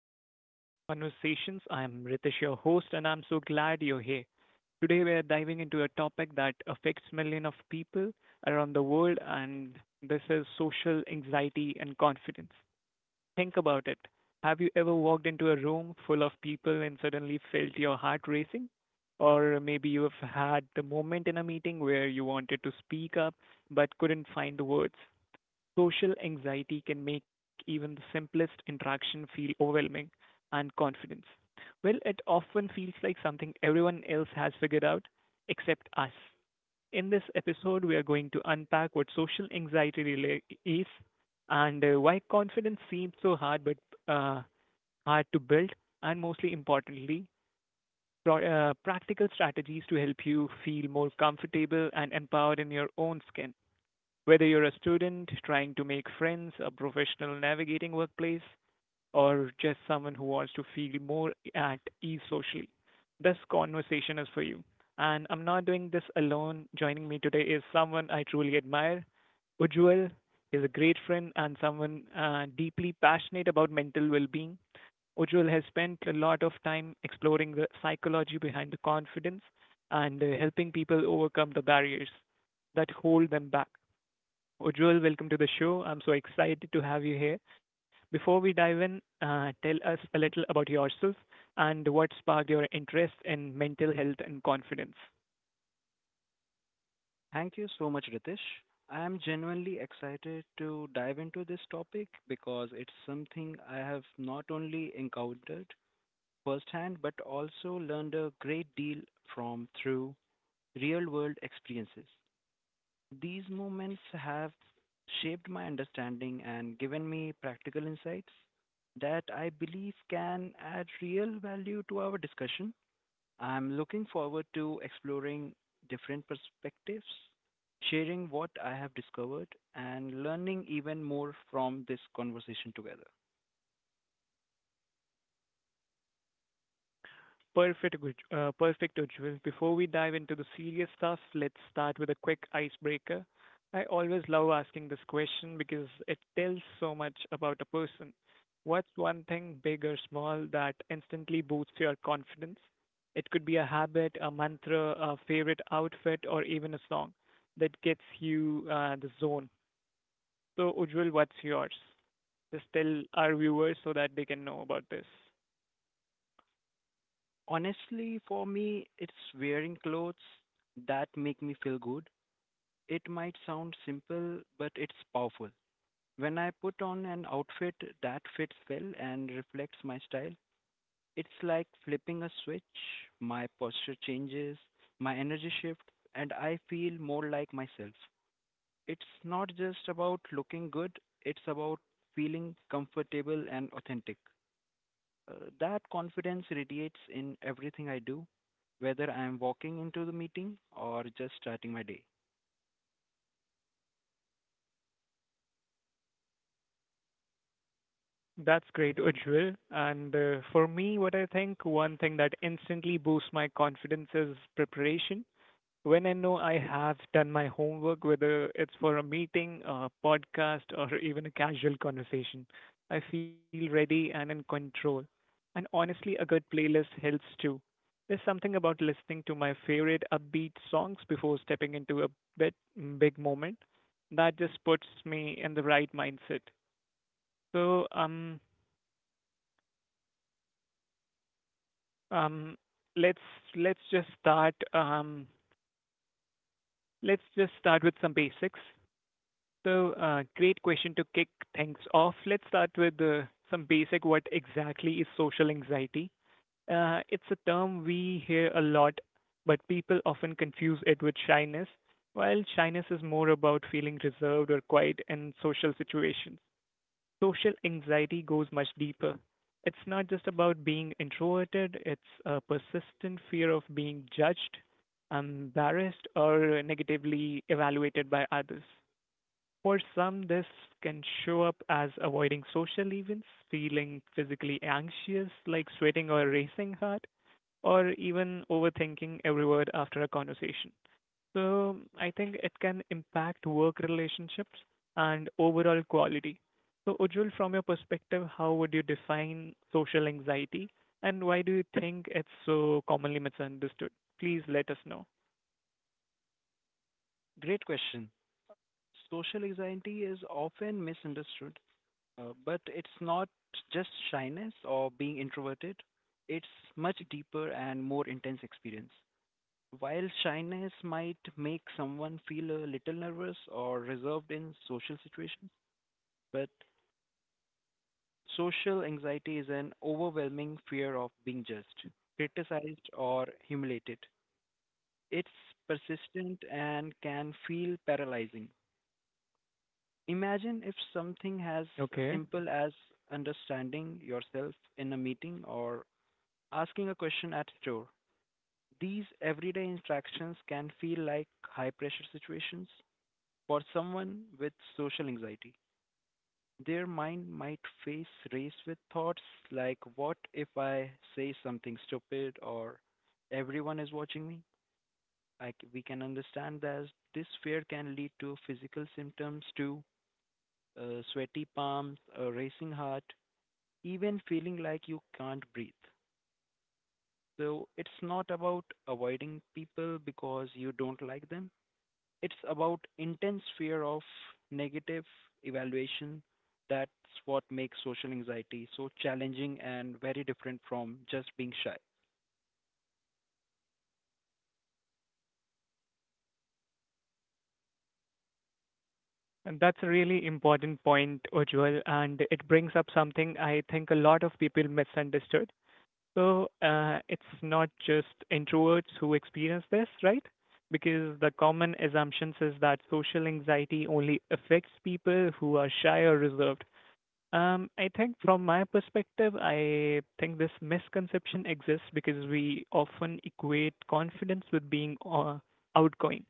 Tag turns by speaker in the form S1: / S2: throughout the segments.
S1: welcome to Brave Conversations. I'm Ritesh, your host, and I'm so glad you're here. Today we are diving into a topic that affects millions of people around the world, and this is social anxiety and confidence. Think about it. Have you ever walked into a room full of people and suddenly felt your heart racing? Or maybe you have had the moment in a meeting where you wanted to speak up but couldn't find the words. Social anxiety can make even the simplest interaction feel overwhelming and confidence. Well, it often feels like something everyone else has figured out except us. In this episode, we are going to unpack what social anxiety really is and why confidence seems so hard but uh, hard to build, and mostly importantly, pro- practical strategies to help you feel more comfortable and empowered in your own skin. Whether you're a student trying to make friends, a professional navigating workplace, or just someone who wants to feel more at ease socially, this conversation is for you. And I'm not doing this alone. Joining me today is someone I truly admire. Ujjwal is a great friend and someone deeply passionate about mental well being. Ujjwal has spent a lot of time exploring the psychology behind the confidence and helping people overcome the barriers that hold them back. Ujjwal, welcome to the show. I'm so excited to have you here. Before we dive in, tell us a little about yourself and what sparked your interest in mental health and confidence.
S2: Thank you so much, Ritesh. I am genuinely excited to dive into this topic because it's something I have not only encountered firsthand but also learned a great deal from through real world experiences. These moments have shaped my understanding and given me practical insights that I believe can add real value to our discussion. I'm looking forward to exploring different perspectives, sharing what I have discovered, and learning even more from this conversation together.
S1: Perfect, Ujjwal. Before we dive into the serious stuff, let's start with a quick icebreaker. I always love asking this question because it tells so much about a person. What's one thing, big or small, that instantly boosts your confidence? It could be a habit, a mantra, a favorite outfit, or even a song that gets you the zone. So, Ujjwal, what's yours? Just tell our viewers so that they can know about this.
S2: Honestly, for me, it's wearing clothes that make me feel good. It might sound simple, but it's powerful. When I put on an outfit that fits well and reflects my style, it's like flipping a switch. My posture changes, my energy shifts, and I feel more like myself. It's not just about looking good, it's about feeling comfortable and authentic. That confidence radiates in everything I do, whether I am walking into the meeting or just starting my day.
S1: That's great, Ujjwal. And for me, what I think one thing that instantly boosts my confidence is preparation. When I know I have done my homework, whether it's for a meeting, a podcast, or even a casual conversation, I feel ready and in control. And honestly, a good playlist helps too. There's something about listening to my favorite upbeat songs before stepping into a bit big moment that just puts me in the right mindset. So, Um, let's let's just start. Let's just start with some basics. So, great question to kick things off. Let's start with some basic. What exactly is social anxiety? It's a term we hear a lot, but people often confuse it with shyness. While shyness is more about feeling reserved or quiet in social situations, social anxiety goes much deeper. It's not just about being introverted, it's a persistent fear of being judged, embarrassed, or negatively evaluated by others. For some, this can show up as avoiding social events, feeling physically anxious, like sweating or racing heart, or even overthinking every word after a conversation. So I think it can impact work relationships and overall quality. So Ujjwal, from your perspective, how would you define social anxiety and why do you think it's so commonly misunderstood? Please let us know.
S2: Great question. Social anxiety is often misunderstood, but it's not just shyness or being introverted. It's much deeper and more intense experience. While shyness might make someone feel a little nervous or reserved in social situations, but social anxiety is an overwhelming fear of being judged, criticized, or humiliated. It's persistent and can feel paralyzing. Imagine if something as
S1: Okay.
S2: simple as understanding yourself in a meeting or asking a question at a store. These everyday interactions can feel like high pressure situations for someone with social anxiety. Their mind might face race with thoughts like, what if I say something stupid or everyone is watching me? I c We can understand that this fear can lead to physical symptoms too, sweaty palms, a racing heart, even feeling like you can't breathe. So it's not about avoiding people because you don't like them. It's about intense fear of negative evaluation. That's what makes social anxiety so challenging and very different from just being shy.
S1: And that's a really important point, Ujjwal, and it brings up something I think a lot of people misunderstood. So it's not just introverts who experience this, right? Because the common assumption is that social anxiety only affects people who are shy or reserved. I think from my perspective, I think this misconception exists because we often equate confidence with being outgoing.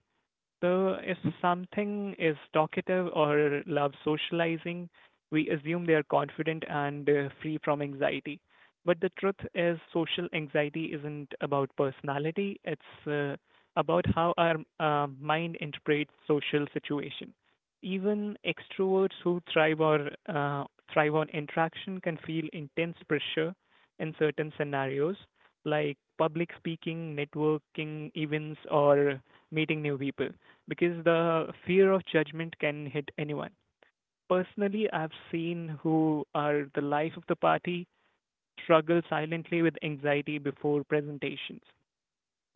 S1: So if something is talkative or loves socializing, we assume they are confident and free from anxiety. But the truth is, social anxiety isn't about personality, it's about how our mind interprets social situation. Even extroverts who thrive or thrive on interaction can feel intense pressure in certain scenarios, like public speaking, networking events, or meeting new people because the fear of judgment can hit anyone. Personally, I've seen who are the life of the party struggle silently with anxiety before presentations.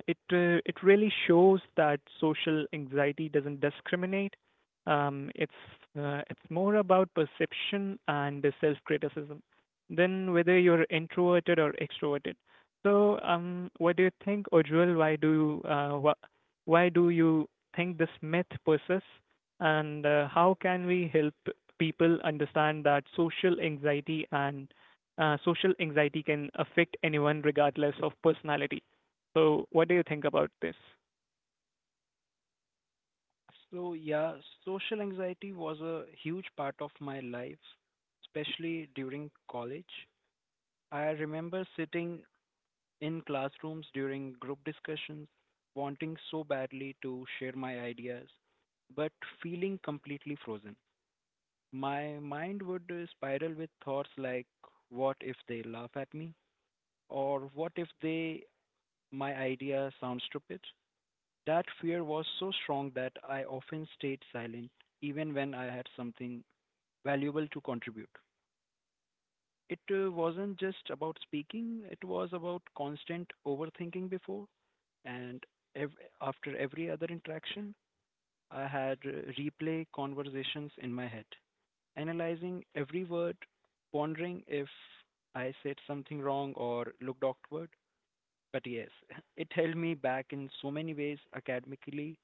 S1: It really shows that social anxiety doesn't discriminate. Um, it's it's more about perception and self criticism than whether you're introverted or extroverted. So, what do you think, Ojwal? Why do you think this myth persists, and how can we help people understand that social anxiety can affect anyone regardless of personality? So, what do you think about this?
S2: So, yeah, social anxiety was a huge part of my life, especially during college. I remember sitting in classrooms during group discussions, wanting so badly to share my ideas, but feeling completely frozen. My mind would spiral with thoughts like, what if they laugh at me? Or what if they, my idea sounds stupid? That fear was so strong that I often stayed silent, even when I had something valuable to contribute. It wasn't just about speaking, it was about constant overthinking before and after every other interaction. I had replay conversations in my head analyzing every word, pondering if I said something wrong or looked awkward. But yes, it held me back in so many ways academically,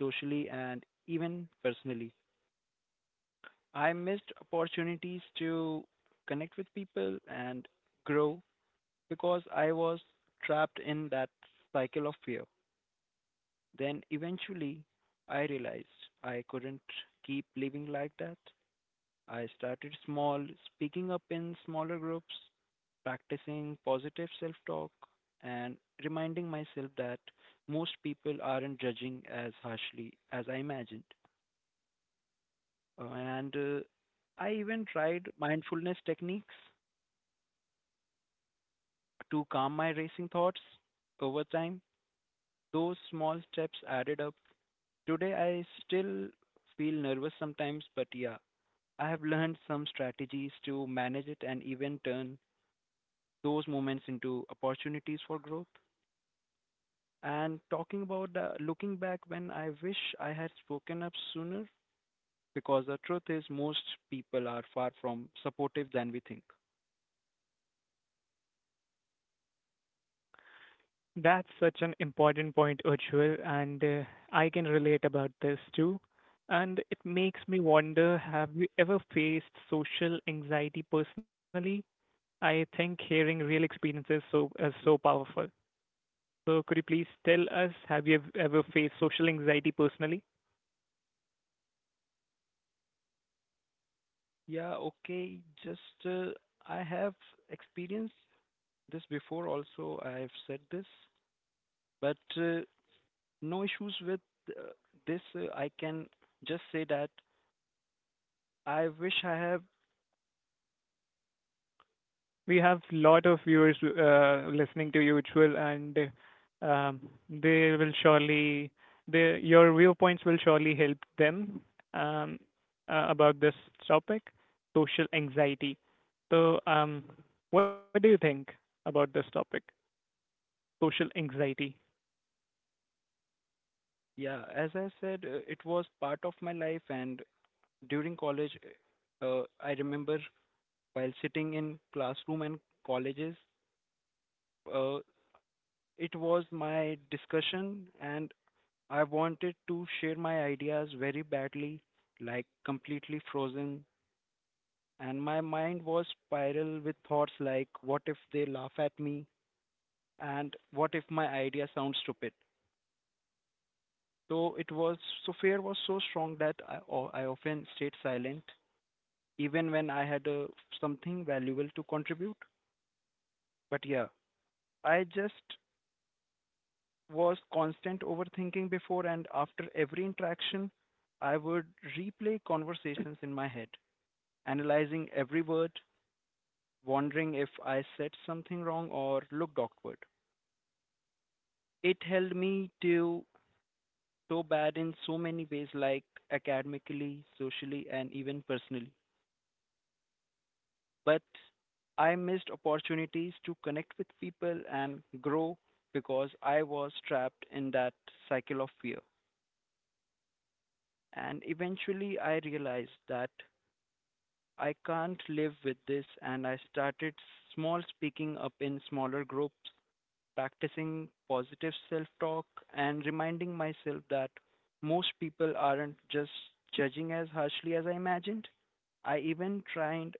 S2: socially, and even personally. I missed opportunities to connect with people and grow because I was trapped in that cycle of fear. Then eventually, I realized I couldn't keep living like that. I started small, speaking up in smaller groups, practicing positive self talk, and reminding myself that most people aren't judging as harshly as I imagined. And I even tried mindfulness techniques to calm my racing thoughts over time. Those small steps added up. Today, I still feel nervous sometimes, but yeah, I have learned some strategies to manage it and even turn those moments into opportunities for growth. And talking about looking back when I wish I had spoken up sooner, because the truth is, most people are far from supportive than we think.
S1: That's such an important point, Ujjwal, and I can relate about this too. And it makes me wonder, have you ever faced social anxiety personally? I think hearing real experiences so is so powerful. So, could you please tell us, have you ever faced social anxiety personally?
S2: Yeah, okay, just I have experienced this before also, I've said this, but no issues with uh, this. I can just say that I wish I have,
S1: We have lot of viewers listening to you, Usual, and um, they will surely they, your viewpoints will surely help them um, about this topic, social anxiety. So, what do you think about this topic, social anxiety?
S2: yeah, as I said, it was part of my life and during college, I remember while sitting in classroom and colleges, uh, it was my discussion, and I wanted to share my ideas very badly, like completely frozen. And my mind was spiral with thoughts like, what if they laugh at me? And what if my idea sounds stupid? So it was, so fear was so strong that I often stayed silent, even when I had something valuable to contribute. But yeah, I just was constant overthinking before and after every interaction. I would replay conversations in my head, analyzing every word, wondering if I said something wrong or looked awkward. It held me to so bad in so many ways, like academically, socially, and even personally. But I missed opportunities to connect with people and grow because I was trapped in that cycle of fear. And eventually I realized that I can't live with this and I started small speaking up in smaller groups, practicing positive self-talk and reminding myself that most people aren't just judging as harshly as I imagined. I even tried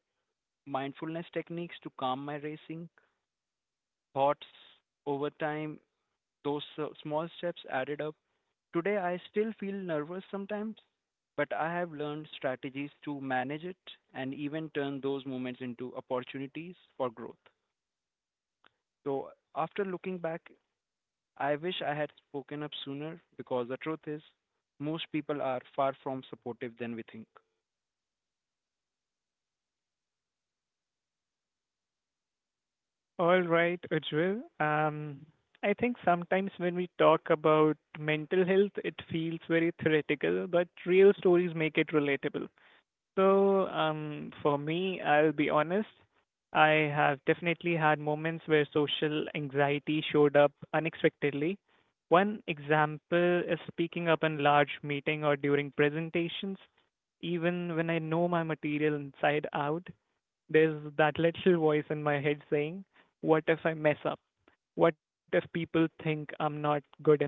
S2: mindfulness techniques to calm my racing thoughts over time. Those small steps added up. Today, I still feel nervous sometimes, but I have learned strategies to manage it and even turn those moments into opportunities for growth. So, after looking back, I wish I had spoken up sooner because the truth is, most people are far from supportive than we think.
S1: All right, Ujjwal. I think sometimes when we talk about mental health, it feels very theoretical, but real stories make it relatable. So, for me, I'll be honest, I have definitely had moments where social anxiety showed up unexpectedly. One example is speaking up in large meeting or during presentations. Even when I know my material inside out, there's that little voice in my head saying, "What if I mess up? What if people think I'm not good enough?"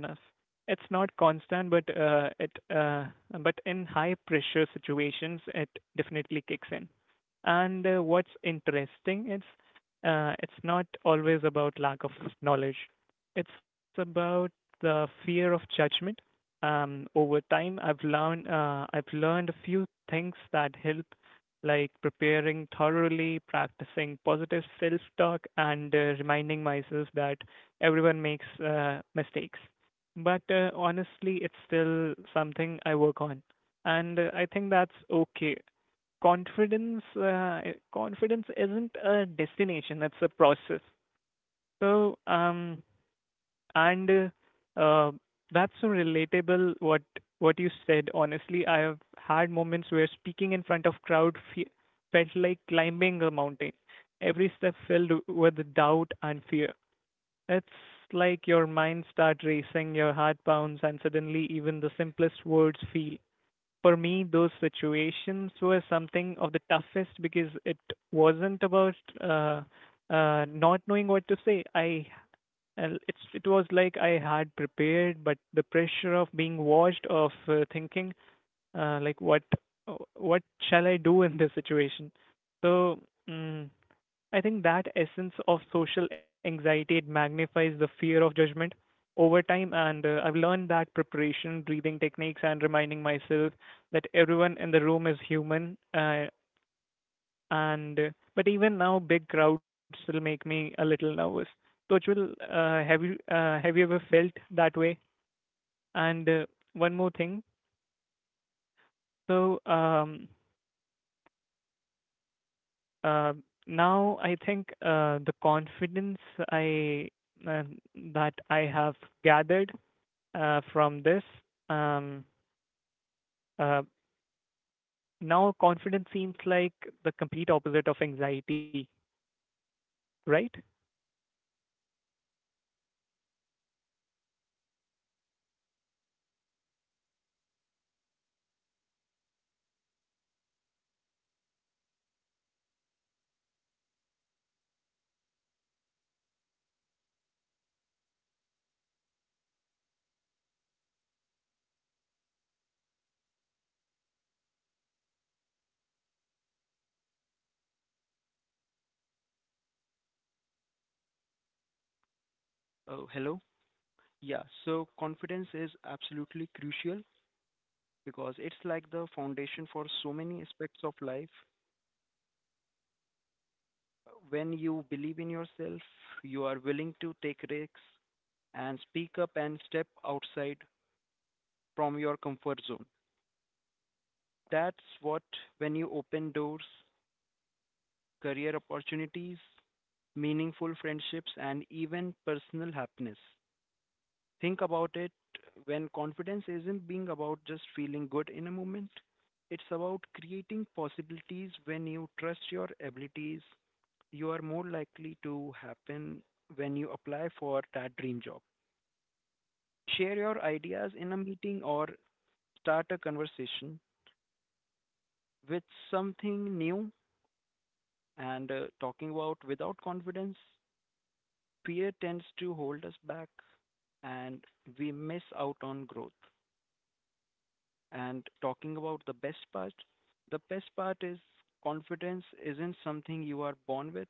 S1: It's not constant, but it uh, but in high pressure situations, it definitely kicks in. And what's interesting is it's not always about lack of knowledge. It's about the fear of judgment. Over time, I've learned a few things that help, like preparing thoroughly, practicing positive self talk, and reminding myself that everyone makes mistakes. But honestly, it's still something I work on. And I think that's okay. Confidence, uh, confidence isn't a destination, it's a process. So, and uh, that's so relatable what you said. Honestly, I have had moments where speaking in front of crowd felt like climbing a mountain. Every step filled with doubt and fear. It's like your mind start racing, your heart pounds, and suddenly even the simplest words feel. For me, those situations were something of the toughest because it wasn't about uh, not knowing what to say. I and it's it was like I had prepared, but the pressure of being watched, of thinking like what shall I do in this situation? So mm, I think that essence of social anxiety, it magnifies the fear of judgment over time, and I've learned that preparation, breathing techniques, and reminding myself that everyone in the room is human. And But even now big crowds still make me a little nervous. So Uchul, have you ever felt that way? And one more thing. So uh, now I think the confidence I uh, that I have gathered from this um, uh, Now confidence seems like the complete opposite of anxiety, right?
S2: Oh, hello? Yeah, so confidence is absolutely crucial because it's like the foundation for so many aspects of life when you believe in yourself, you are willing to take risks and speak up and step outside from your comfort zone. That's what when you open doors, career opportunities, meaningful friendships, and even personal happiness. Think about it when confidence isn't being about just feeling good in a moment, it's about creating possibilities when you trust your abilities, you are more likely to happen when you apply for that dream job. Share your ideas in a meeting or start a conversation with something new and talking about without confidence. Fear tends to hold us back and we miss out on growth. And talking about the best part is confidence isn't something you are born with,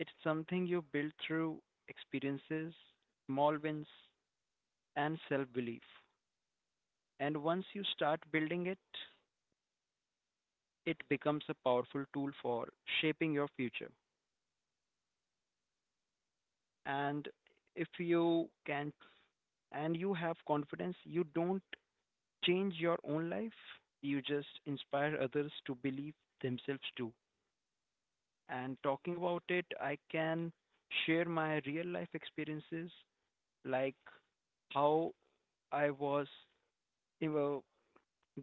S2: it's something you build through experiences, small wins, and self belief. And once you start building it, it becomes a powerful tool for shaping your future. And if you can, and you have confidence, you don't change your own life, you just inspire others to believe themselves too. And talking about it, I can share my real life experiences like how I was, you know,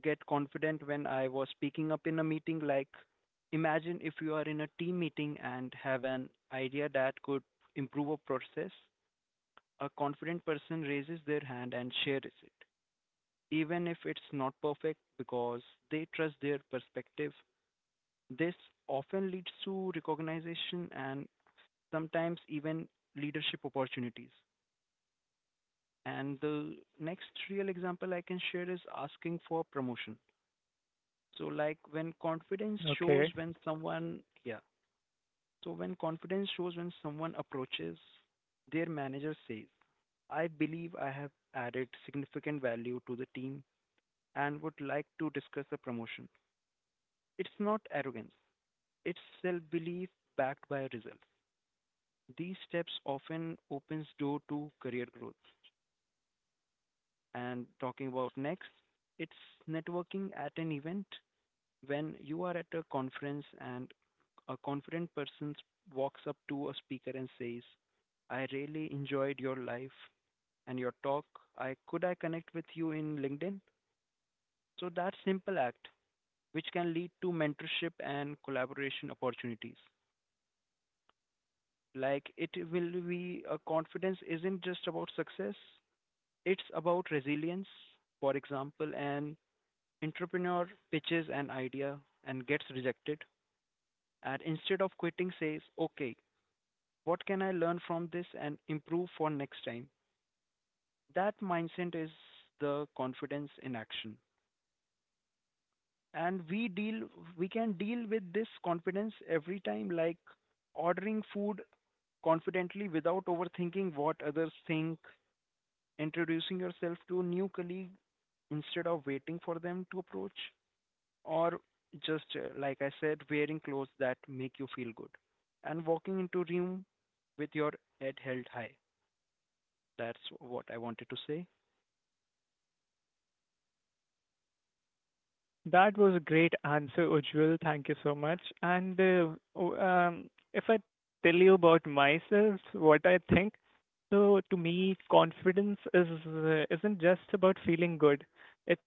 S2: get confident when I was speaking up in a meeting. Like, imagine if you are in a team meeting and have an idea that could improve a process, a confident person raises their hand and shares it, even if it's not perfect because they trust their perspective. This often leads to recognition and sometimes even leadership opportunities. And the next real example I can share is asking for promotion. So like when confidence shows
S1: Okay.
S2: when someone yeah. So when confidence shows when someone approaches, their manager says, I believe I have added significant value to the team and would like to discuss the promotion. It's not arrogance, it's self belief backed by results. These steps often opens door to career growth. And talking about next, it's networking at an event. When you are at a conference and a confident person walks up to a speaker and says, I really enjoyed your life and your talk. I could I connect with you in LinkedIn? So that simple act, which can lead to mentorship and collaboration opportunities. Like it will be a confidence isn't just about success, it's about resilience. For example, an entrepreneur pitches an idea and gets rejected and instead of quitting says, okay, what can I learn from this and improve for next time? That mindset is the confidence in action. And we deal we can deal with this confidence every time like ordering food confidently without overthinking what others think, introducing yourself to a new colleague instead of waiting for them to approach, or just like I said, wearing clothes that make you feel good and walking into room with your head held high. That's what I wanted to say.
S1: That was a great answer, Ujjwal. Thank you so much. And o- um, if I tell you about myself, what I think, so to me, confidence is isn't just about feeling good.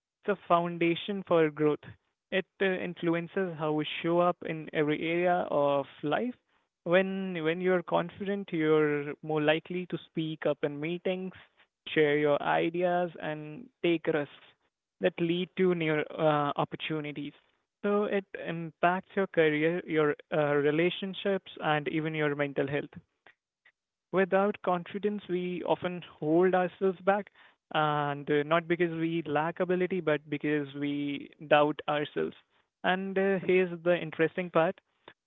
S1: It's a foundation for growth. It influences how we show up in every area of life. When you're confident, you're more likely to speak up in meetings, share your ideas, and take risks that lead to new opportunities. So it impacts your career, your relationships, and even your mental health without confidence, we often hold ourselves back, and not because we lack ability, but because we doubt ourselves. And here's the interesting part,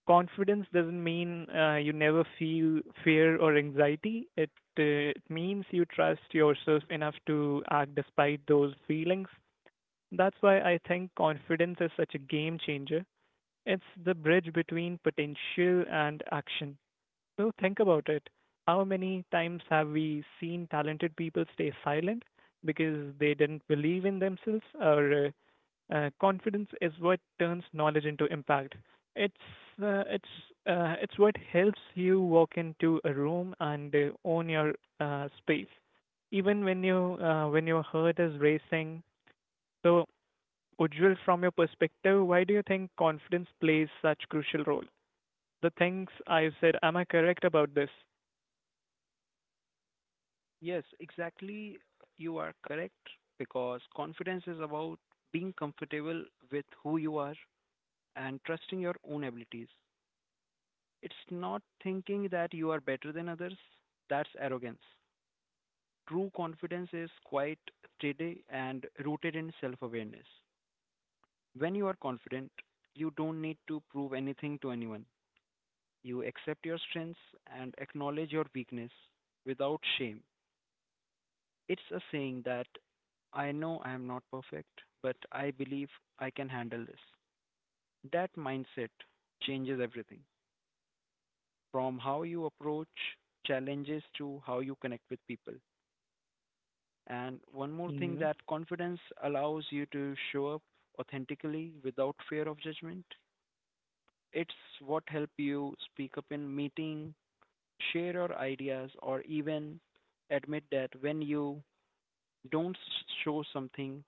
S1: confidence doesn't mean you never feel fear or anxiety. It means you trust yourself enough to act despite those feelings. That's why I think confidence is such a game changer. It's the bridge between potential and action. So think about it. How many times have we seen talented people stay silent because they didn't believe in themselves, or confidence is what turns knowledge into impact. It's uh, it's it's what helps you walk into a room and own your space, even when your heart is racing. So, Ujjwal, from your perspective, why do you think confidence plays such crucial role? The things I've said, am I correct about this?
S2: Yes, exactly. You are correct because confidence is about being comfortable with who you are and trusting your own abilities. It's not thinking that you are better than others, that's arrogance. True confidence is quite steady and rooted in self awareness. When you are confident, you don't need to prove anything to anyone. You accept your strengths and acknowledge your weakness without shame. It's a saying that I know I am not perfect, but I believe I can handle this. That mindset changes everything from how you approach challenges to how you connect with people. And one more thing that confidence allows you to show up authentically without fear of judgment. It's what help you speak up in meeting, share your ideas or even admit that when you don't show something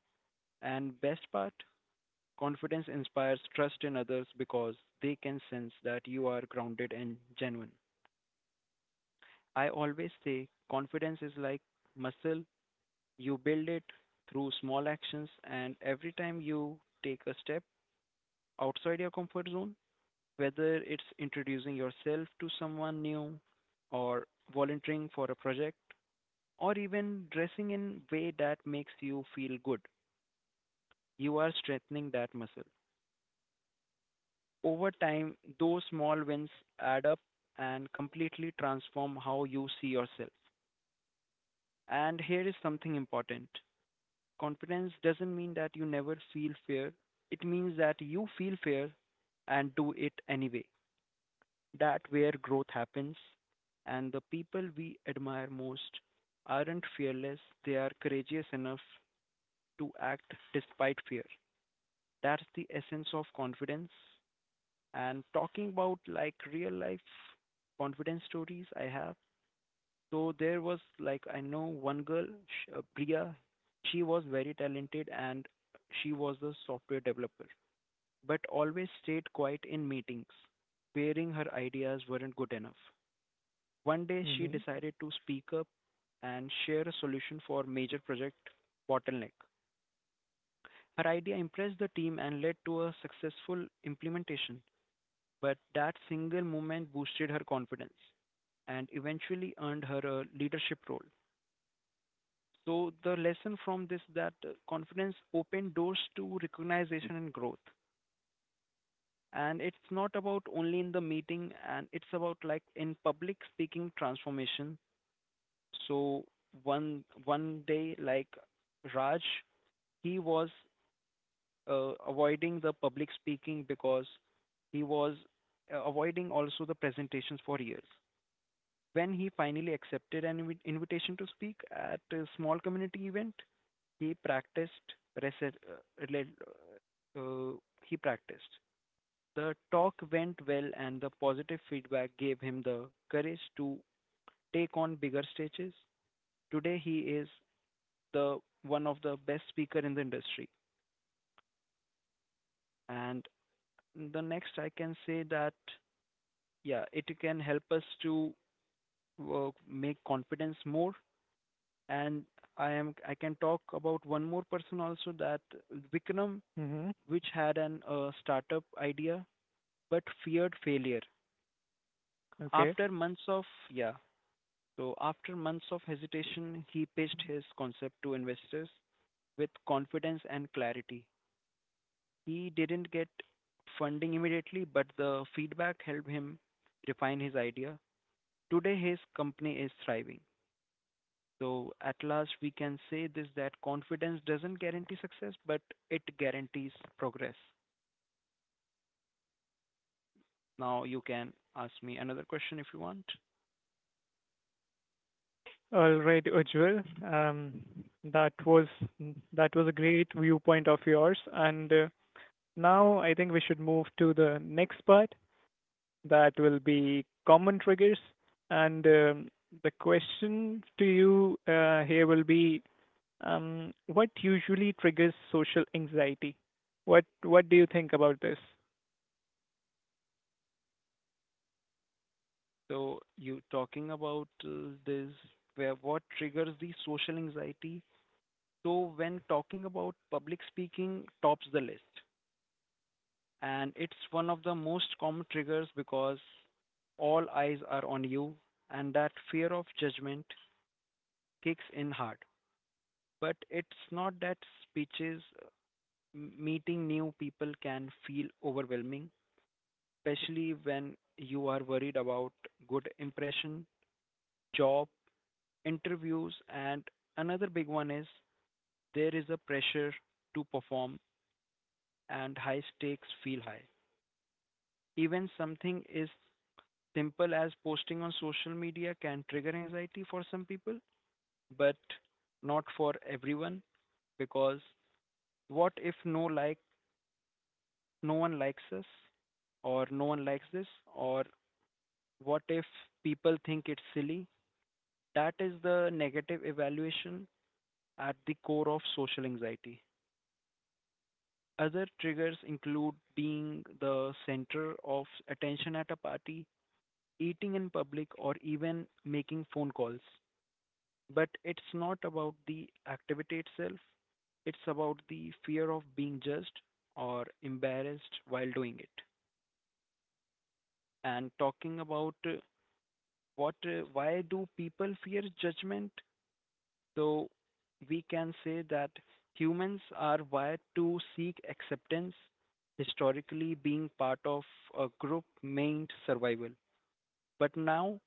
S2: and best part Confidence inspires trust in others because they can sense that you are grounded and genuine. I always say confidence is like muscle. You build it through small actions, and every time you take a step outside your comfort zone, whether it's introducing yourself to someone new, or volunteering for a project, or even dressing in a way that makes you feel good, you are strengthening that muscle. Over time, those small wins add up and completely transform how you see yourself. And here is something important: confidence doesn't mean that you never feel fear, it means that you feel fear and do it anyway. That where growth happens, and the people we admire most aren't fearless, they are courageous enough to act despite fear. That's the essence of confidence. And talking about like real life confidence stories I have. So there was like I know one girl, Priya. She was very talented and she was a software developer, but always stayed quiet in meetings, fearing her ideas weren't good enough. One day she
S1: Mm-hmm.
S2: decided to speak up and share a solution for major project bottleneck. Her idea impressed the team and led to a successful implementation, but that single moment boosted her confidence and eventually earned her a leadership role. So the lesson from this that confidence opened doors to recognition and growth. And it's not about only in the meeting and it's about like in public speaking transformation. So one day like Raj, he was avoiding the public speaking because he was avoiding also the presentations for years. When he finally accepted an invitation to speak at a small community event, he practiced rese- uh, rel- uh, he practiced. The talk went well and the positive feedback gave him the courage to take on bigger stages. Today he is the one of the best speaker in the industry. And the next I can say that yeah, it can help us to make confidence more. And I can talk about one more person also that Vikram,
S1: Mm-hmm.
S2: which had an startup idea but feared failure.
S1: Okay.
S2: After months of yeah, after months of hesitation, he pitched his concept to investors with confidence and clarity. He didn't get funding immediately, but the feedback helped him refine his idea. Today, his company is thriving. So at last, we can say this that confidence doesn't guarantee success, but it guarantees progress. Now you can ask me another question if you want.
S1: All right, Ujjwal. That was that was a great viewpoint of yours. And now I think we should move to the next part. That will be common triggers. And the question to you here will be, what usually triggers social anxiety? What do you think about this?
S2: So you talking about this where what triggers the social anxiety. So when talking about public speaking tops the list and it's one of the most common triggers because all eyes are on you and that fear of judgment kicks in hard. But it's not that speeches meeting new people can feel overwhelming, especially when you are worried about good impression, job, interviews, and another big one is there is a pressure to perform and high stakes feel high. Even something is simple as posting on social media can trigger anxiety for some people, but not for everyone because what if no like no one likes us or no one likes this or what if people think it's silly? That is the negative evaluation at the core of social anxiety. Other triggers include being the center of attention at a party, eating in public, or even making phone calls. But it's not about the activity itself, it's about the fear of being judged or embarrassed while doing it. And talking about why do people fear judgment? So we can say that humans are wired to seek acceptance, historically being part of a group meant survival. But now,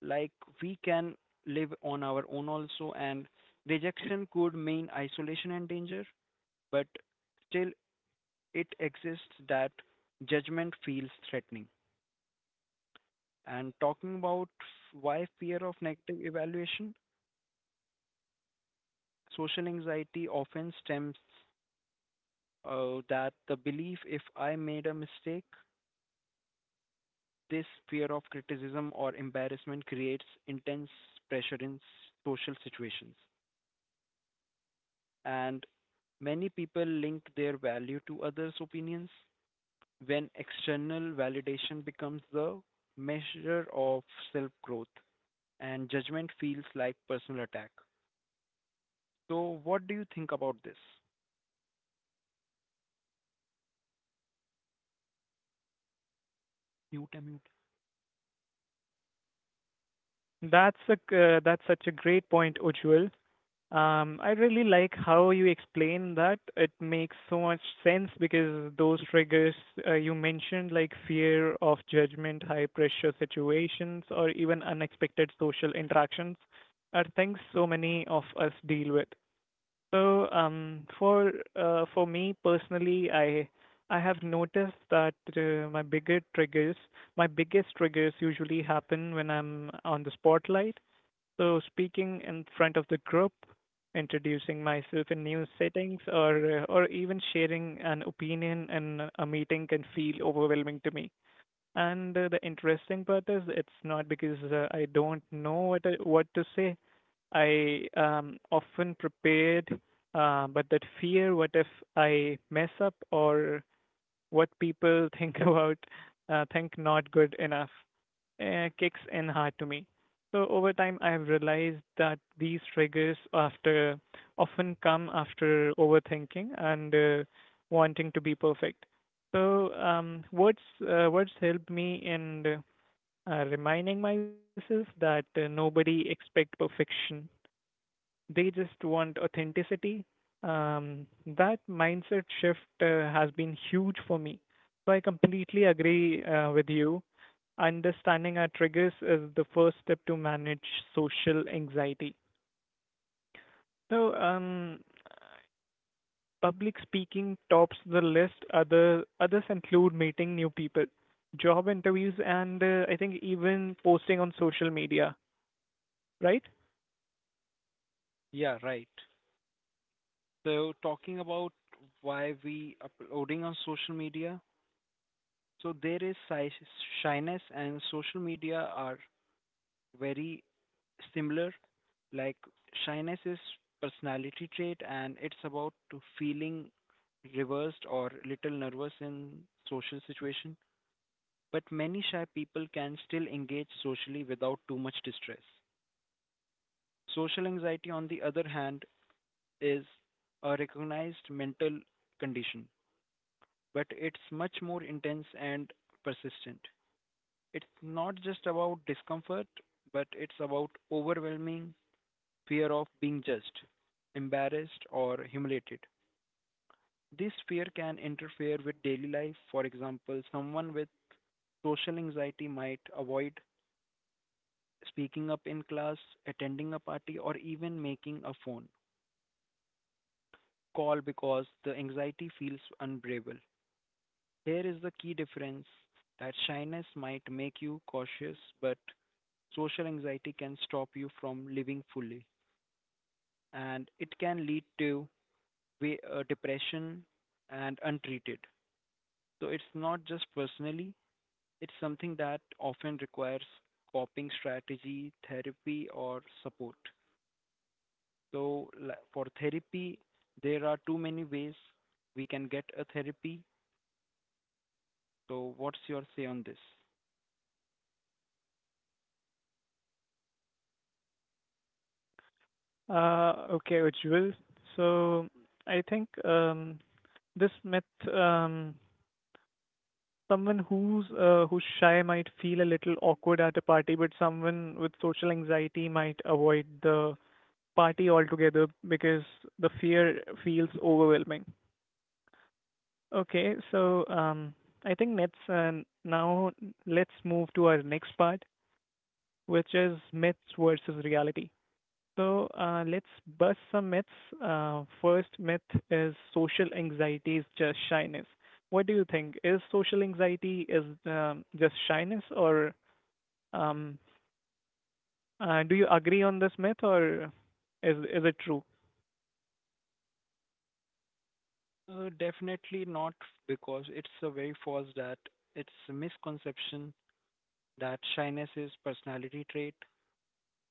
S2: like we can live on our own also, and rejection could mean isolation and danger, but still it exists that judgment feels threatening. And talking about why fear of negative evaluation, social anxiety often stems that the belief if I made a mistake, this fear of criticism or embarrassment creates intense pressure social situations. And many people link their value to others' opinions when external validation becomes the measure of self growth and judgment feels like personal attack. So, what do you think about this? Mute, mute.
S1: That's a that's such a great point, Ujjwal. I really like how you explain that. It makes so much sense because those triggers you mentioned, like fear of judgment, high pressure situations, or even unexpected social interactions, are things so many of us deal with. So, for me personally, I have noticed that my bigger triggers, my biggest triggers usually happen when I'm on the spotlight, so speaking in front of the group, introducing myself in new settings, or even sharing an opinion in a meeting can feel overwhelming to me. And the interesting part is, it's not because I don't know what I, what to say. I am often prepared, but that fear, what if I mess up or what people think about think not good enough kicks in hard to me. So over time, I have realized that these triggers after often come after overthinking and wanting to be perfect. So words what's helped me in reminding myself that nobody expect perfection, they just want authenticity. That mindset shift has been huge for me. So I completely agree with you. Understanding our triggers is the first step to manage social anxiety. So, public speaking tops the list. Other others include meeting new people, job interviews, and I think even posting on social media. Right?
S2: Yeah, right. So, talking about why we uploading on social media, so there is shyness and social media are very similar. Like shyness is personality trait and it's about to feeling reversed or little nervous in social situation. But many shy people can still engage socially without too much distress. Social anxiety, on the other hand, is a recognized mental condition, but it's much more intense and persistent. It's not just about discomfort, but it's about overwhelming fear of being judged, embarrassed, or humiliated. This fear can interfere with daily life. For example, someone with social anxiety might avoid speaking up in class, attending a party, or even making a phone call because the anxiety feels unbearable. Here is the key difference that shyness might make you cautious, but social anxiety can stop you from living fully, and it can lead to depression and untreated. So it's not just personally, it's something that often requires coping strategy, therapy, or support. So for therapy, there are too many ways we can get a therapy. So what's your say on this?
S1: Okay, Ujjwal. So I think this myth, um, someone who's who's shy might feel a little awkward at a party, but someone with social anxiety might avoid the party altogether because the fear feels overwhelming. Okay, so I think let's now let's move to our next part, which is myths versus reality. So let's bust some myths. First myth is social anxiety is just shyness. What do you think? Is social anxiety is just shyness, or um, do you agree on this myth, or is it true?
S2: Definitely not because it's a very false that it's a misconception that shyness is personality trait,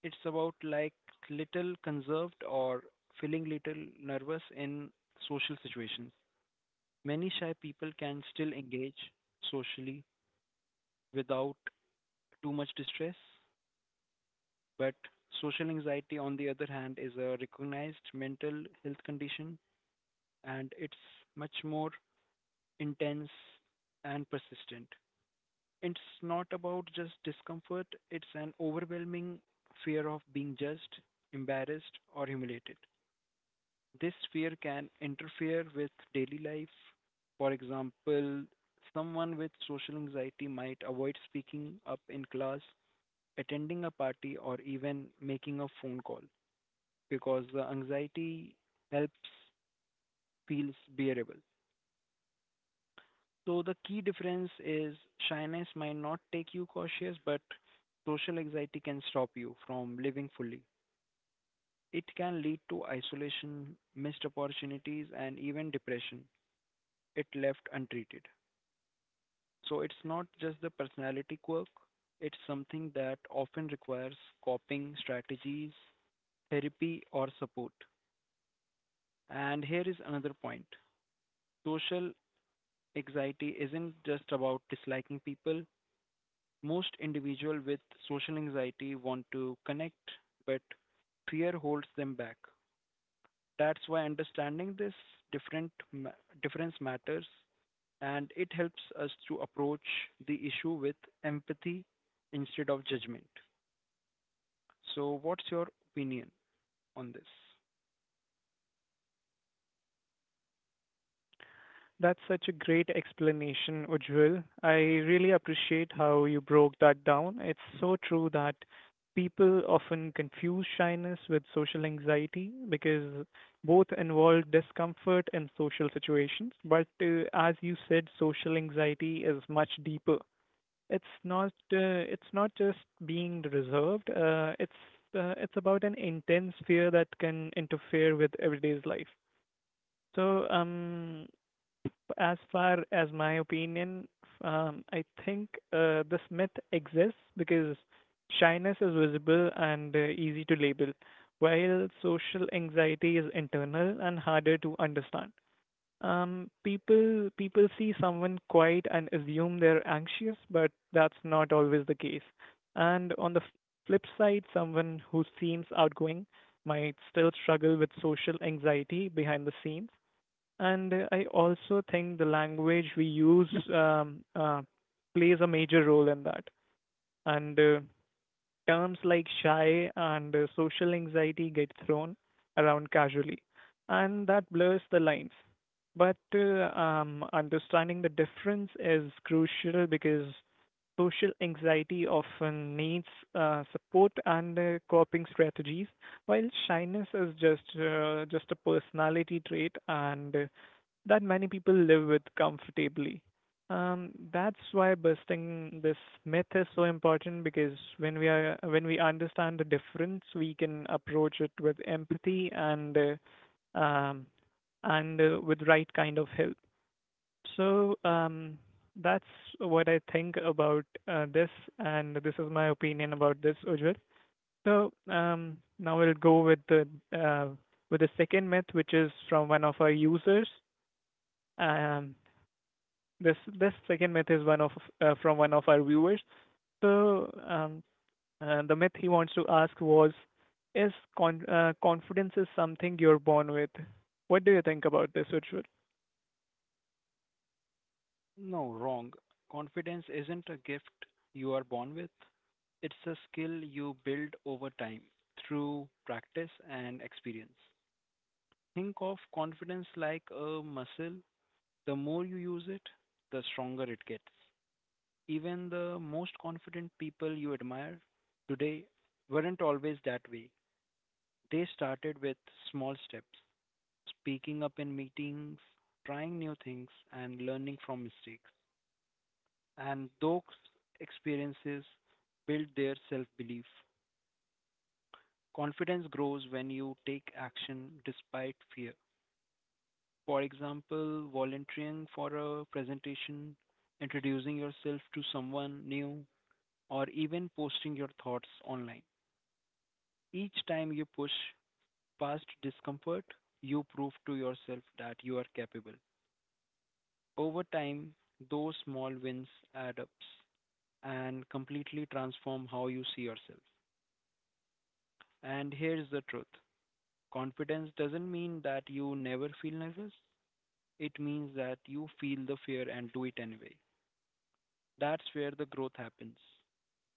S2: it's about like little conserved or feeling little nervous in social situations. Many shy people can still engage socially without too much distress, but social anxiety, on the other hand, is a recognized mental health condition and it's much more intense and persistent. It's not about just discomfort, it's an overwhelming fear of being judged, embarrassed, or humiliated. This fear can interfere with daily life. For example, someone with social anxiety might avoid speaking up in class, attending a party, or even making a phone call because the anxiety helps feels bearable. So the key difference is shyness might not take you cautious, but social anxiety can stop you from living fully. It can lead to isolation, missed opportunities, and even depression if left untreated. So it's not just the personality quirk, it's something that often requires coping strategies, therapy, or support. And here is another point: social anxiety isn't just about disliking people. Most individuals with social anxiety want to connect, but fear holds them back. That's why understanding this different ma- difference matters and it helps us to approach the issue with empathy instead of judgment. So, what's your opinion on this?
S1: That's such a great explanation, Ujjwal. I really appreciate how you broke that down. It's so true that people often confuse shyness with social anxiety because both involve discomfort in social situations. But as you said, social anxiety is much deeper. It's not just being reserved. It's about an intense fear that can interfere with everyday's life. So as far as my opinion, I think this myth exists because shyness is visible and easy to label, while social anxiety is internal and harder to understand. People see someone quiet and assume they're anxious, but that's not always the case. And on the flip side, someone who seems outgoing might still struggle with social anxiety behind the scenes, and I also think the language we use plays a major role in that. And terms like shy and social anxiety get thrown around casually, and that blurs the lines. But understanding the difference is crucial because social anxiety often needs support and coping strategies, while shyness is just a personality trait and that many people live with comfortably. That's why busting this myth is so important because when we understand the difference, we can approach it with empathy um, and with right kind of help. So that's what I think about this, and this is my opinion about this, Ujjwal. So now we'll go uh, with the second myth, which is from one of our users. Um, this second myth is one of from one of our viewers. So the myth he wants to ask was, is confidence is something you're born with? What do you think about this, Ujjwal?
S2: No, wrong. Confidence isn't a gift you are born with, it's a skill you build over time through practice and experience. Think of confidence like a muscle. The more you use it, the stronger it gets. Even the most confident people you admire today weren't always that way. They started with small steps: speaking up in meetings, trying new things, and learning from mistakes. And those experiences build their self belief. Confidence grows when you take action despite fear. For example, volunteering for a presentation, introducing yourself to someone new, or even posting your thoughts online. Each time you push past discomfort, you prove to yourself that you are capable. Over time, those small wins add up and completely transform how you see yourself. And here's the truth: confidence doesn't mean that you never feel nervous, it means that you feel the fear and do it anyway. That's where the growth happens.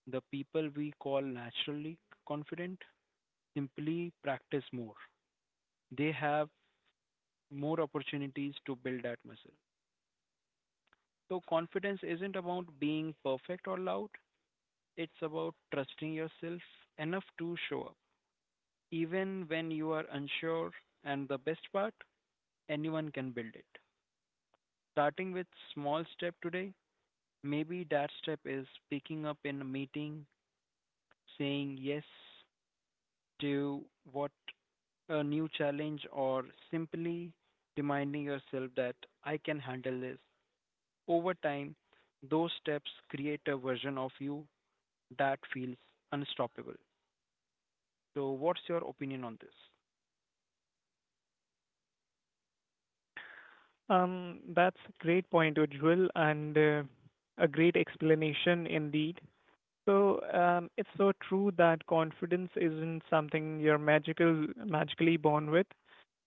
S2: The people we call naturally confident simply practice more, they have more opportunities to build that muscle. So, confidence isn't about being perfect or loud, it's about trusting yourself enough to show up, even when you are unsure. And the best part, anyone can build it. Starting with small step today, maybe that step is picking up in a meeting, saying yes to what a new challenge or simply reminding yourself that I can handle this. Over time, those steps create a version of you that feels unstoppable. So what's your opinion on this?
S1: That's a great point, Ujjwal, and a great explanation indeed. So it's so true that confidence isn't something you're magically born with.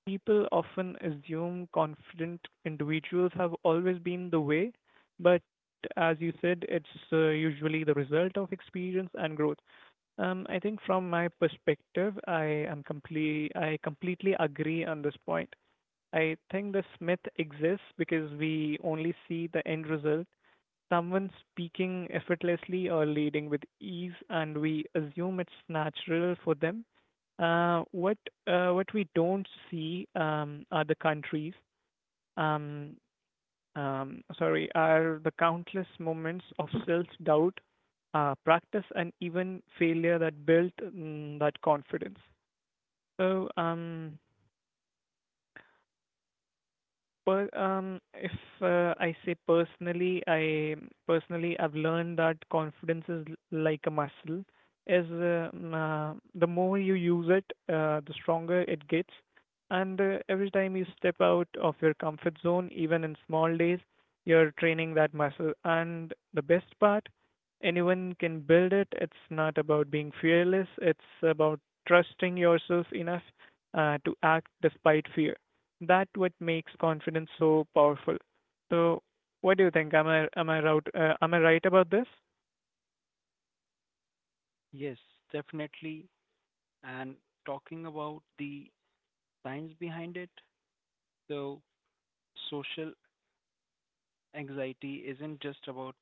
S1: People often assume confident individuals have always been the way, but as you said, it's usually the result of experience and growth. I think from my perspective, I am complete. I completely agree on this point. I think this myth exists because we only see the end result, someone speaking effortlessly or leading with ease, and we assume it's natural for them. Uh, what what we don't see are the countries. Um, Sorry, are the countless moments of self-doubt, practice, and even failure that built that confidence. So, if I say personally, I personally I've learned that confidence is like a muscle. The more you use it, the stronger it gets. And every time you step out of your comfort zone, even in small days, you're training that muscle. And the best part, anyone can build it. It's not about being fearless. It's about trusting yourself enough to act despite fear, that what makes confidence so powerful. So what do you think? Am I right? Am I right about this?
S2: Yes, definitely. And talking about the science behind it, so social anxiety isn't just about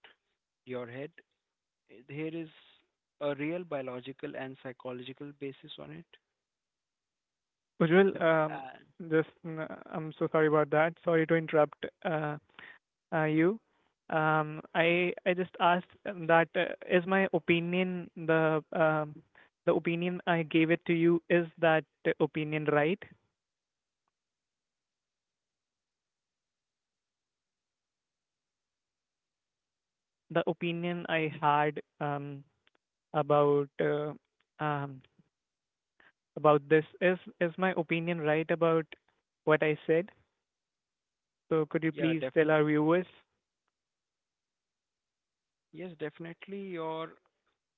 S2: your head. There is a real biological and psychological basis on it.
S1: Ujjwal,
S2: And
S1: just mm, I'm so sorry about that. Sorry to interrupt you. I just asked that is my opinion the opinion I gave it to you, is that opinion right? The opinion I had about uh, um, about this. Is my opinion right about what I said? So could you
S2: yeah,
S1: please tell
S2: definitely.
S1: our viewers?
S2: Yes, definitely. Your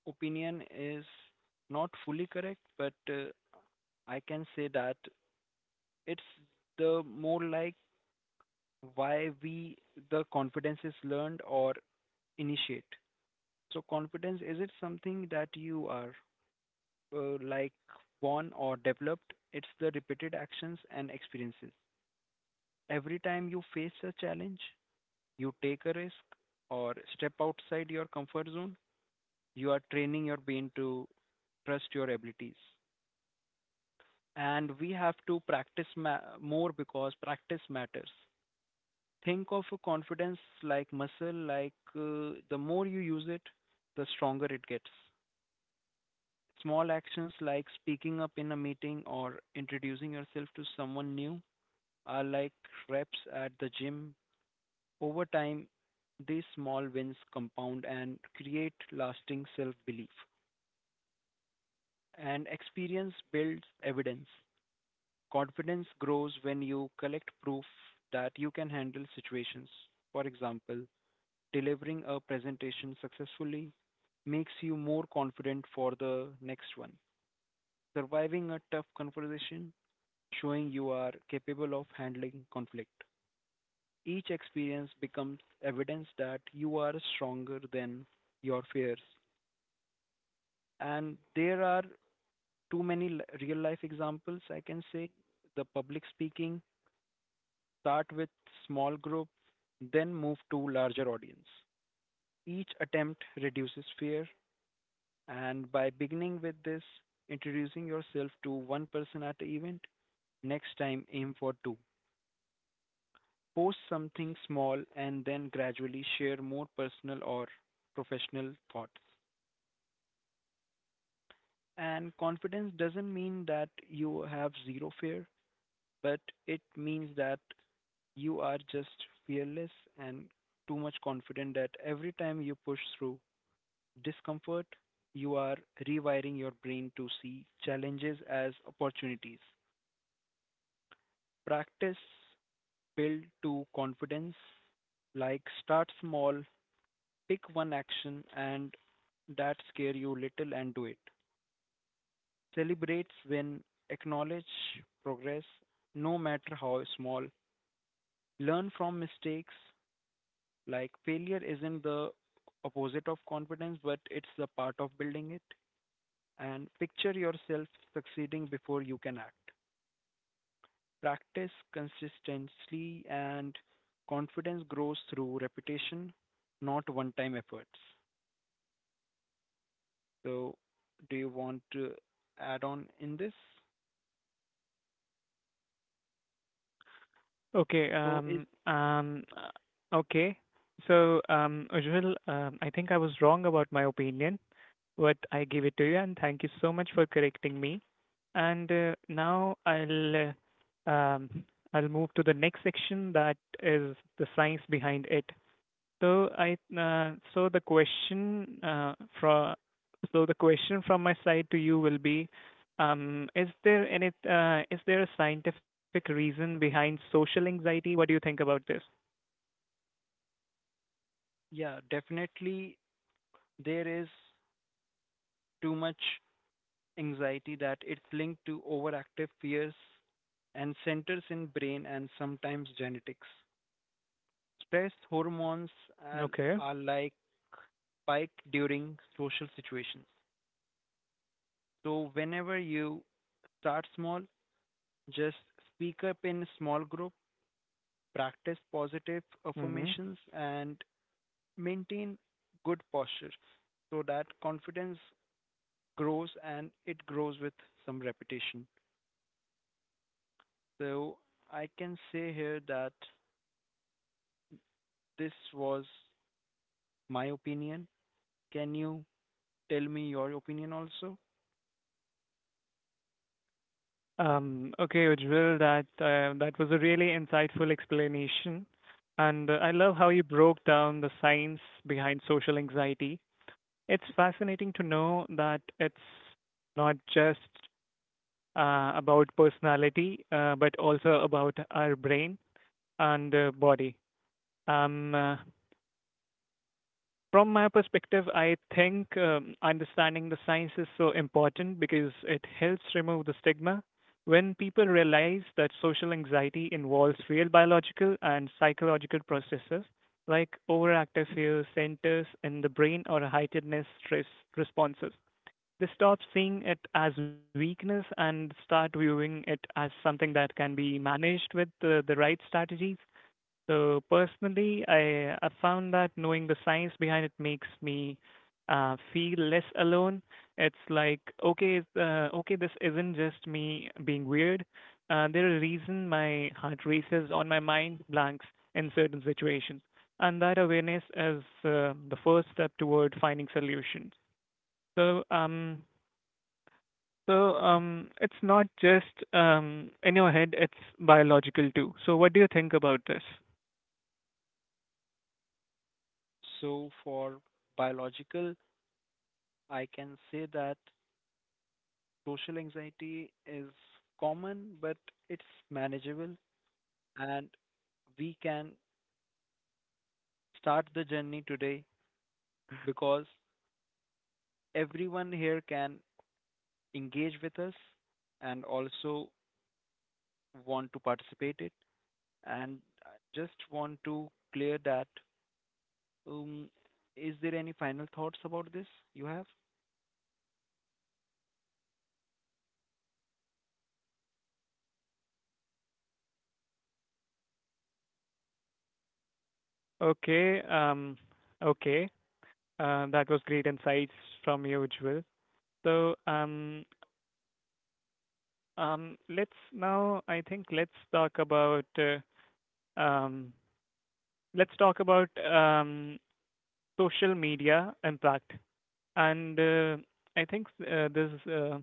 S2: opinion is not fully correct, but I can say that it's the more like why we the confidence is learned or initiated. So confidence, is it something that you are like born or developed? It's the repeated actions and experiences. Every time you face a challenge, you take a risk or step outside your comfort zone, you are training your brain to trust your abilities. And we have to practice more because practice matters. Think of a confidence like muscle, the more you use it, the stronger it gets. Small actions like speaking up in a meeting or introducing yourself to someone new are like reps at the gym. Over time, these small wins compound and create lasting self belief. And experience builds evidence. Confidence grows when you collect proof that you can handle situations. For example, delivering a presentation successfully makes you more confident for the next one. Surviving a tough conversation showing you are capable of handling conflict. Each experience becomes evidence that you are stronger than your fears. And there are too many real life examples, I can say. The public speaking start with small group, then move to larger audience. Each attempt reduces fear, and by beginning with this, introducing yourself to one person at the event, next time aim for two. Post something small and then gradually share more personal or professional thoughts. And confidence doesn't mean that you have zero fear, but it means that you are just fearless and too much confident that every time you push through discomfort, you are rewiring your brain to see challenges as opportunities. Practice build to confidence, like start small, pick one action and that scare you little and do it. Celebrate when acknowledge progress, no matter how small. Learn from mistakes. Like failure isn't the opposite of confidence, but it's the part of building it. And picture yourself succeeding before you can act. Practice consistently, and confidence grows through repetition, not one time efforts. So do you want to add on in this?
S1: Okay.
S2: So it,
S1: Um. Um. uh, Okay. So, Ujjwal, I think I was wrong about my opinion, but I give it to you, and thank you so much for correcting me. And now um, I'll move to the next section that is the science behind it. So I uh, so the question uh, from so the question from my side to you will be, is there a scientific reason behind social anxiety? What do you think about this?
S2: yeah, definitely there is too much anxiety that it's linked to overactive fears and centers in brain and sometimes genetics. Stress hormones are,
S1: Okay.
S2: are like spike during social situations. So whenever you start small, just speak up in a small group, practice positive
S1: Mm-hmm.
S2: affirmations and maintain good posture so that confidence grows and it grows with some repetition. So I can say here that this was my opinion. Can you tell me your opinion also?
S1: Okay, Ujjwal, that that was a really insightful explanation, and I love how you broke down the science behind social anxiety. It's fascinating to know that it's not just about personality, but also about our brain and body. Um, uh, from my perspective, I think understanding the science is so important because it helps remove the stigma. When people realize that social anxiety involves real biological and psychological processes like overactive fear centers in the brain or heightened stress responses, they stop seeing it as weakness and start viewing it as something that can be managed with the right strategies. So personally, I found that knowing the science behind it makes me feel less alone. It's like okay, okay, this isn't just me being weird. There's a reason my heart races on my mind blanks in certain situations, and that awareness is the first step toward finding solutions. So um, so it's not just in your head; it's biological too. So what do you think about this?
S2: So for biological, I can say that social anxiety is common, but it's manageable and we can start the journey today because everyone here can engage with us and also want to participate it. And I just want to clear that, um, is there any final thoughts about this you have?
S1: Okay, okay, that was great insights from you, Jewel. So let's now, I think, um, let's talk about social media impact. And I think this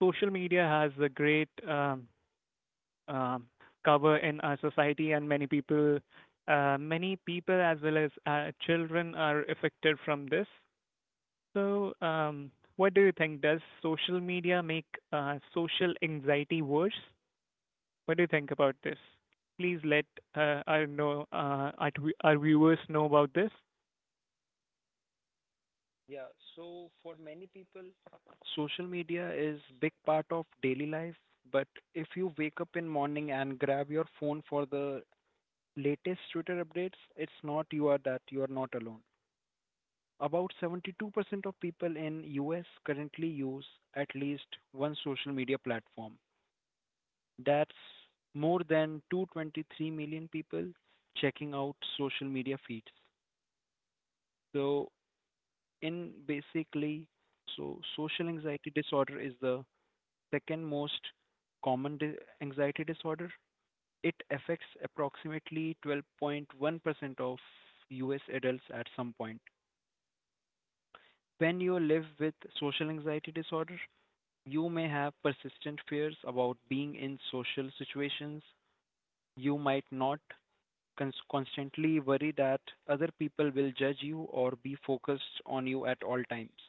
S1: social media has a great um, cover in our society, and many people as well as children are affected from this. So, what do you think? Does social media make social anxiety worse? What do you think about this? Please let our viewers know about this.
S2: Yeah. So for many people, social media is big part of daily life, but if you wake up in morning and grab your phone for the latest Twitter updates, it's not you are that you are not alone. About 72% of people in US currently use at least one social media platform. That's more than 223 million people checking out social media feeds. So, in basically, so social anxiety disorder is the second most common anxiety disorder. It affects approximately 12.1% of US adults at some point. When you live with social anxiety disorder, you may have persistent fears about being in social situations you might not constantly worry that other people will judge you or be focused on you at all times.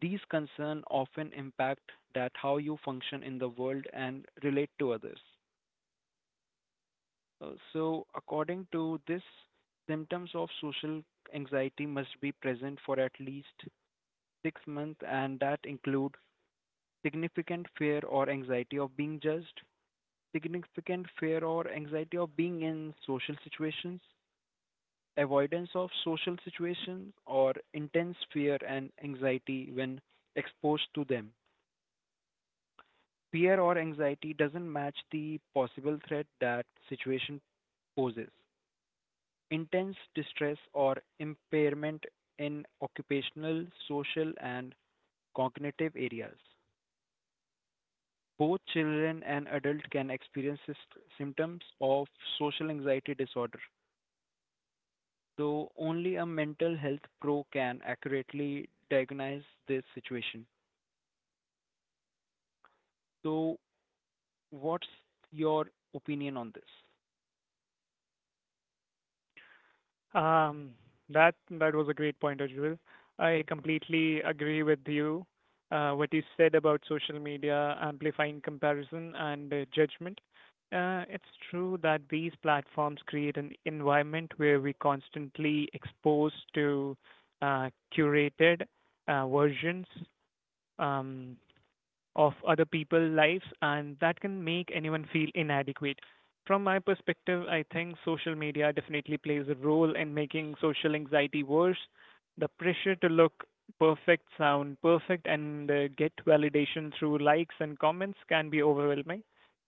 S2: These concerns often impact that how you function in the world and relate to others. So, according to this, symptoms of social anxiety must be present for at least 6 months, and that include significant fear or anxiety of being judged, significant fear or anxiety of being in social situations, avoidance of social situations, or intense fear and anxiety when exposed to them. Fear or anxiety doesn't match the possible threat that situation poses. Intense distress or impairment in occupational, social, and cognitive areas. Both children and adults can experience symptoms of social anxiety disorder, though only a mental health pro can accurately diagnose this situation. So what's your opinion on this?
S1: Um, that that was a great point, Ajul. I completely agree with you. What you said about social media amplifying comparison and judgment. It's true that these platforms create an environment where we constantly exposed to uh, curated versions. Um, of other people's lives, and that can make anyone feel inadequate. From my perspective, I think social media definitely plays a role in making social anxiety worse. The pressure to look perfect, sound perfect, and get validation through likes and comments can be overwhelming.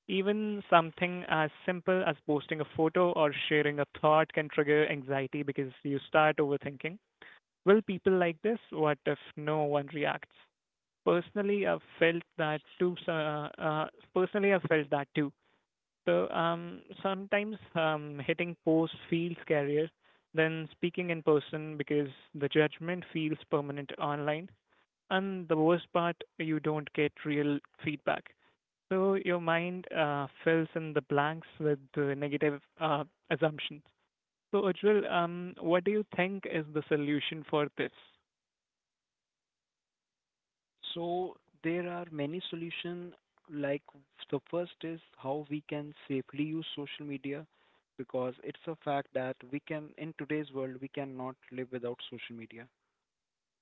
S1: Even something as simple as posting a photo or sharing a thought can trigger anxiety because you start overthinking. Will people like this? What if no one reacts? Personally, I've felt that too. So, uh, uh, Personally, I've felt that too. So, sometimes hitting post feels scarier than speaking in person because the judgment feels permanent online. And the worst part, you don't get real feedback. So your mind fills in the blanks with the negative assumptions. So, Ujjwal, what do you think is the solution for this?
S2: So there are many solutions. Like the first is how we can safely use social media because it's a fact that we can in today's world we cannot live without social media.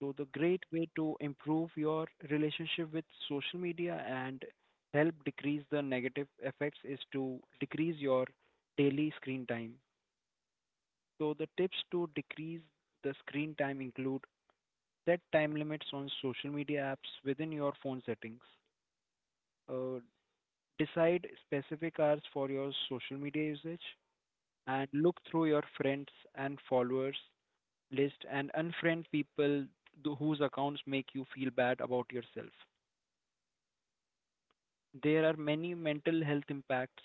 S2: So the great way to improve your relationship with social media and help decrease the negative effects is to decrease your daily screen time. So the tips to decrease the screen time include set time limits on social media apps within your phone settings, uh, decide specific hours for your social media usage, and look through your friends and followers list and unfriend people whose accounts make you feel bad about yourself. There are many mental health impacts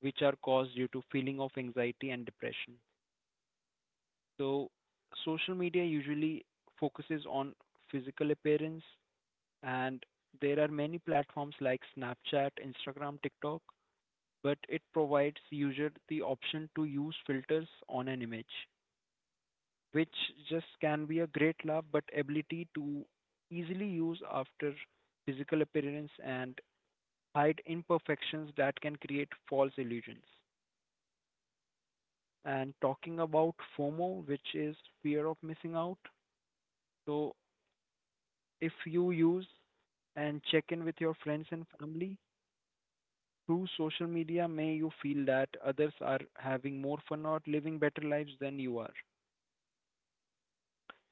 S2: which are caused due to feeling of anxiety and depression. So social media usually focuses on physical appearance, and there are many platforms like Snapchat, Instagram, TikTok, but it provides user the option to use filters on an image, which just can be a great love, but ability to easily use after physical appearance and hide imperfections that can create false illusions. And talking about FOMO, which is fear of missing out. So if you use and check in with your friends and family, through social media, may you feel that others are having more fun or living better lives than you are.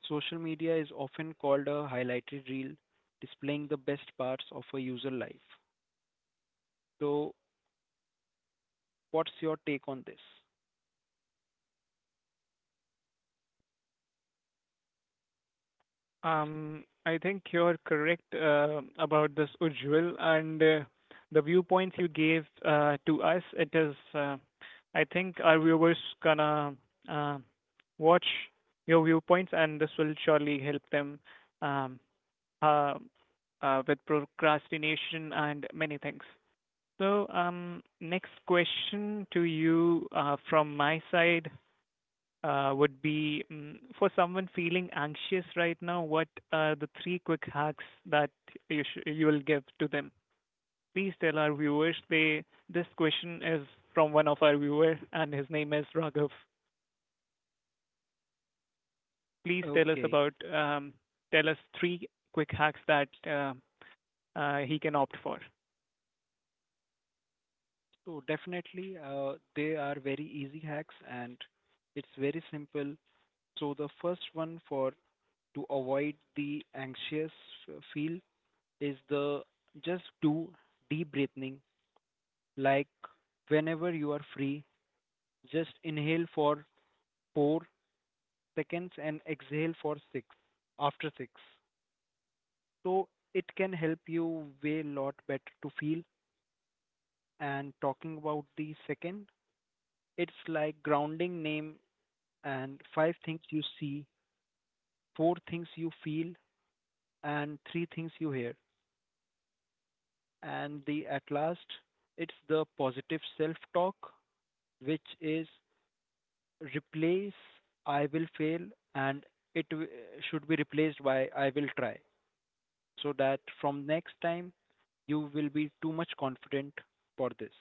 S2: Social media is often called a highlighted reel, displaying the best parts of a user life. So, what's your take on this?
S1: I think you're correct about this, Ujjwal, and the viewpoints you gave to us. I think our viewers gonna uh, watch your viewpoints, and this will surely help them um, uh, with procrastination and many things. So, next question to you from my side would be for someone feeling anxious right now, what are the three quick hacks that you will give to them? Please tell our viewers. They this question is from one of our viewers, and his name is Raghav. Please tell us
S2: Okay,
S1: about tell us three quick hacks that he can opt for.
S2: so definitely, they are very easy hacks and it's very simple. So the first one for to avoid the anxious feel is the just do deep breathing. Like whenever you are free, just inhale for 4 seconds and exhale for 6 after 6. So it can help you way lot better to feel and talking about the second it's like grounding name and five things you see, four things you feel, and three things you hear. And the at last, it's the positive self talk, which is replace I will fail and it w- should be replaced by I will try so that from next time you will be too much confident for this.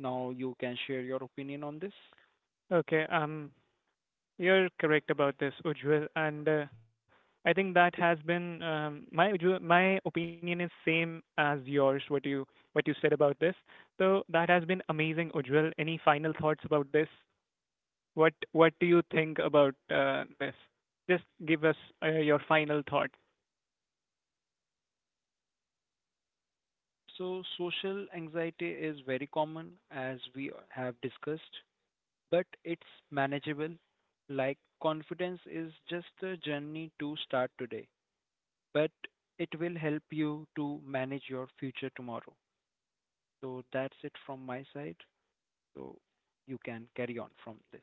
S2: Now you can share your opinion on this.
S1: Okay. Um. You're correct about this, Ujjwal, and I think that has been my opinion is same as yours. What you said about this, so that has been amazing, Ujjwal. Any final thoughts about this? What do you think about this? Just give us your final thought.
S2: So social anxiety is very common as we have discussed, but it's manageable. Like confidence is just a journey to start today, but it will help you to manage your future tomorrow. So that's it from my side. So you can carry on from this.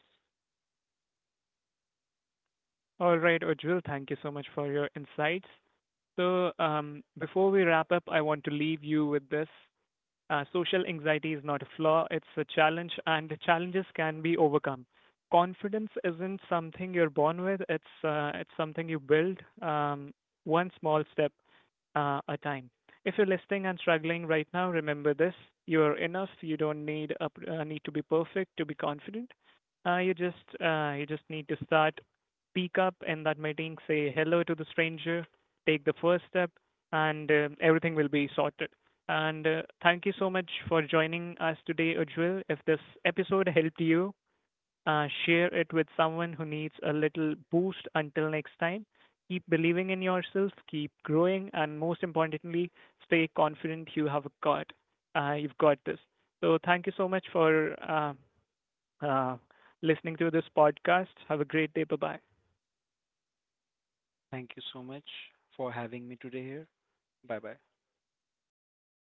S1: All right, Ujjwal, thank you so much for your insights. So before we wrap up, I want to leave you with this. Social anxiety is not a flaw, it's a challenge, and the challenges can be overcome. Confidence isn't something you're born with, it's something you build one small step a time. If you're listening and struggling right now, remember this: you are enough. You don't need to be perfect to be confident. You just need to start, speak up in that meeting, say hello to the stranger, take the first step, and everything will be sorted. And thank you so much for joining us today, Ujjwal. If this episode helped you, share it with someone who needs a little boost until next time. Keep believing in yourself, keep growing, and most importantly, stay confident, you've got this. So thank you so much for uh, listening to this podcast. Have a great day. Bye bye.
S2: Thank you so much for having me today here. Bye bye.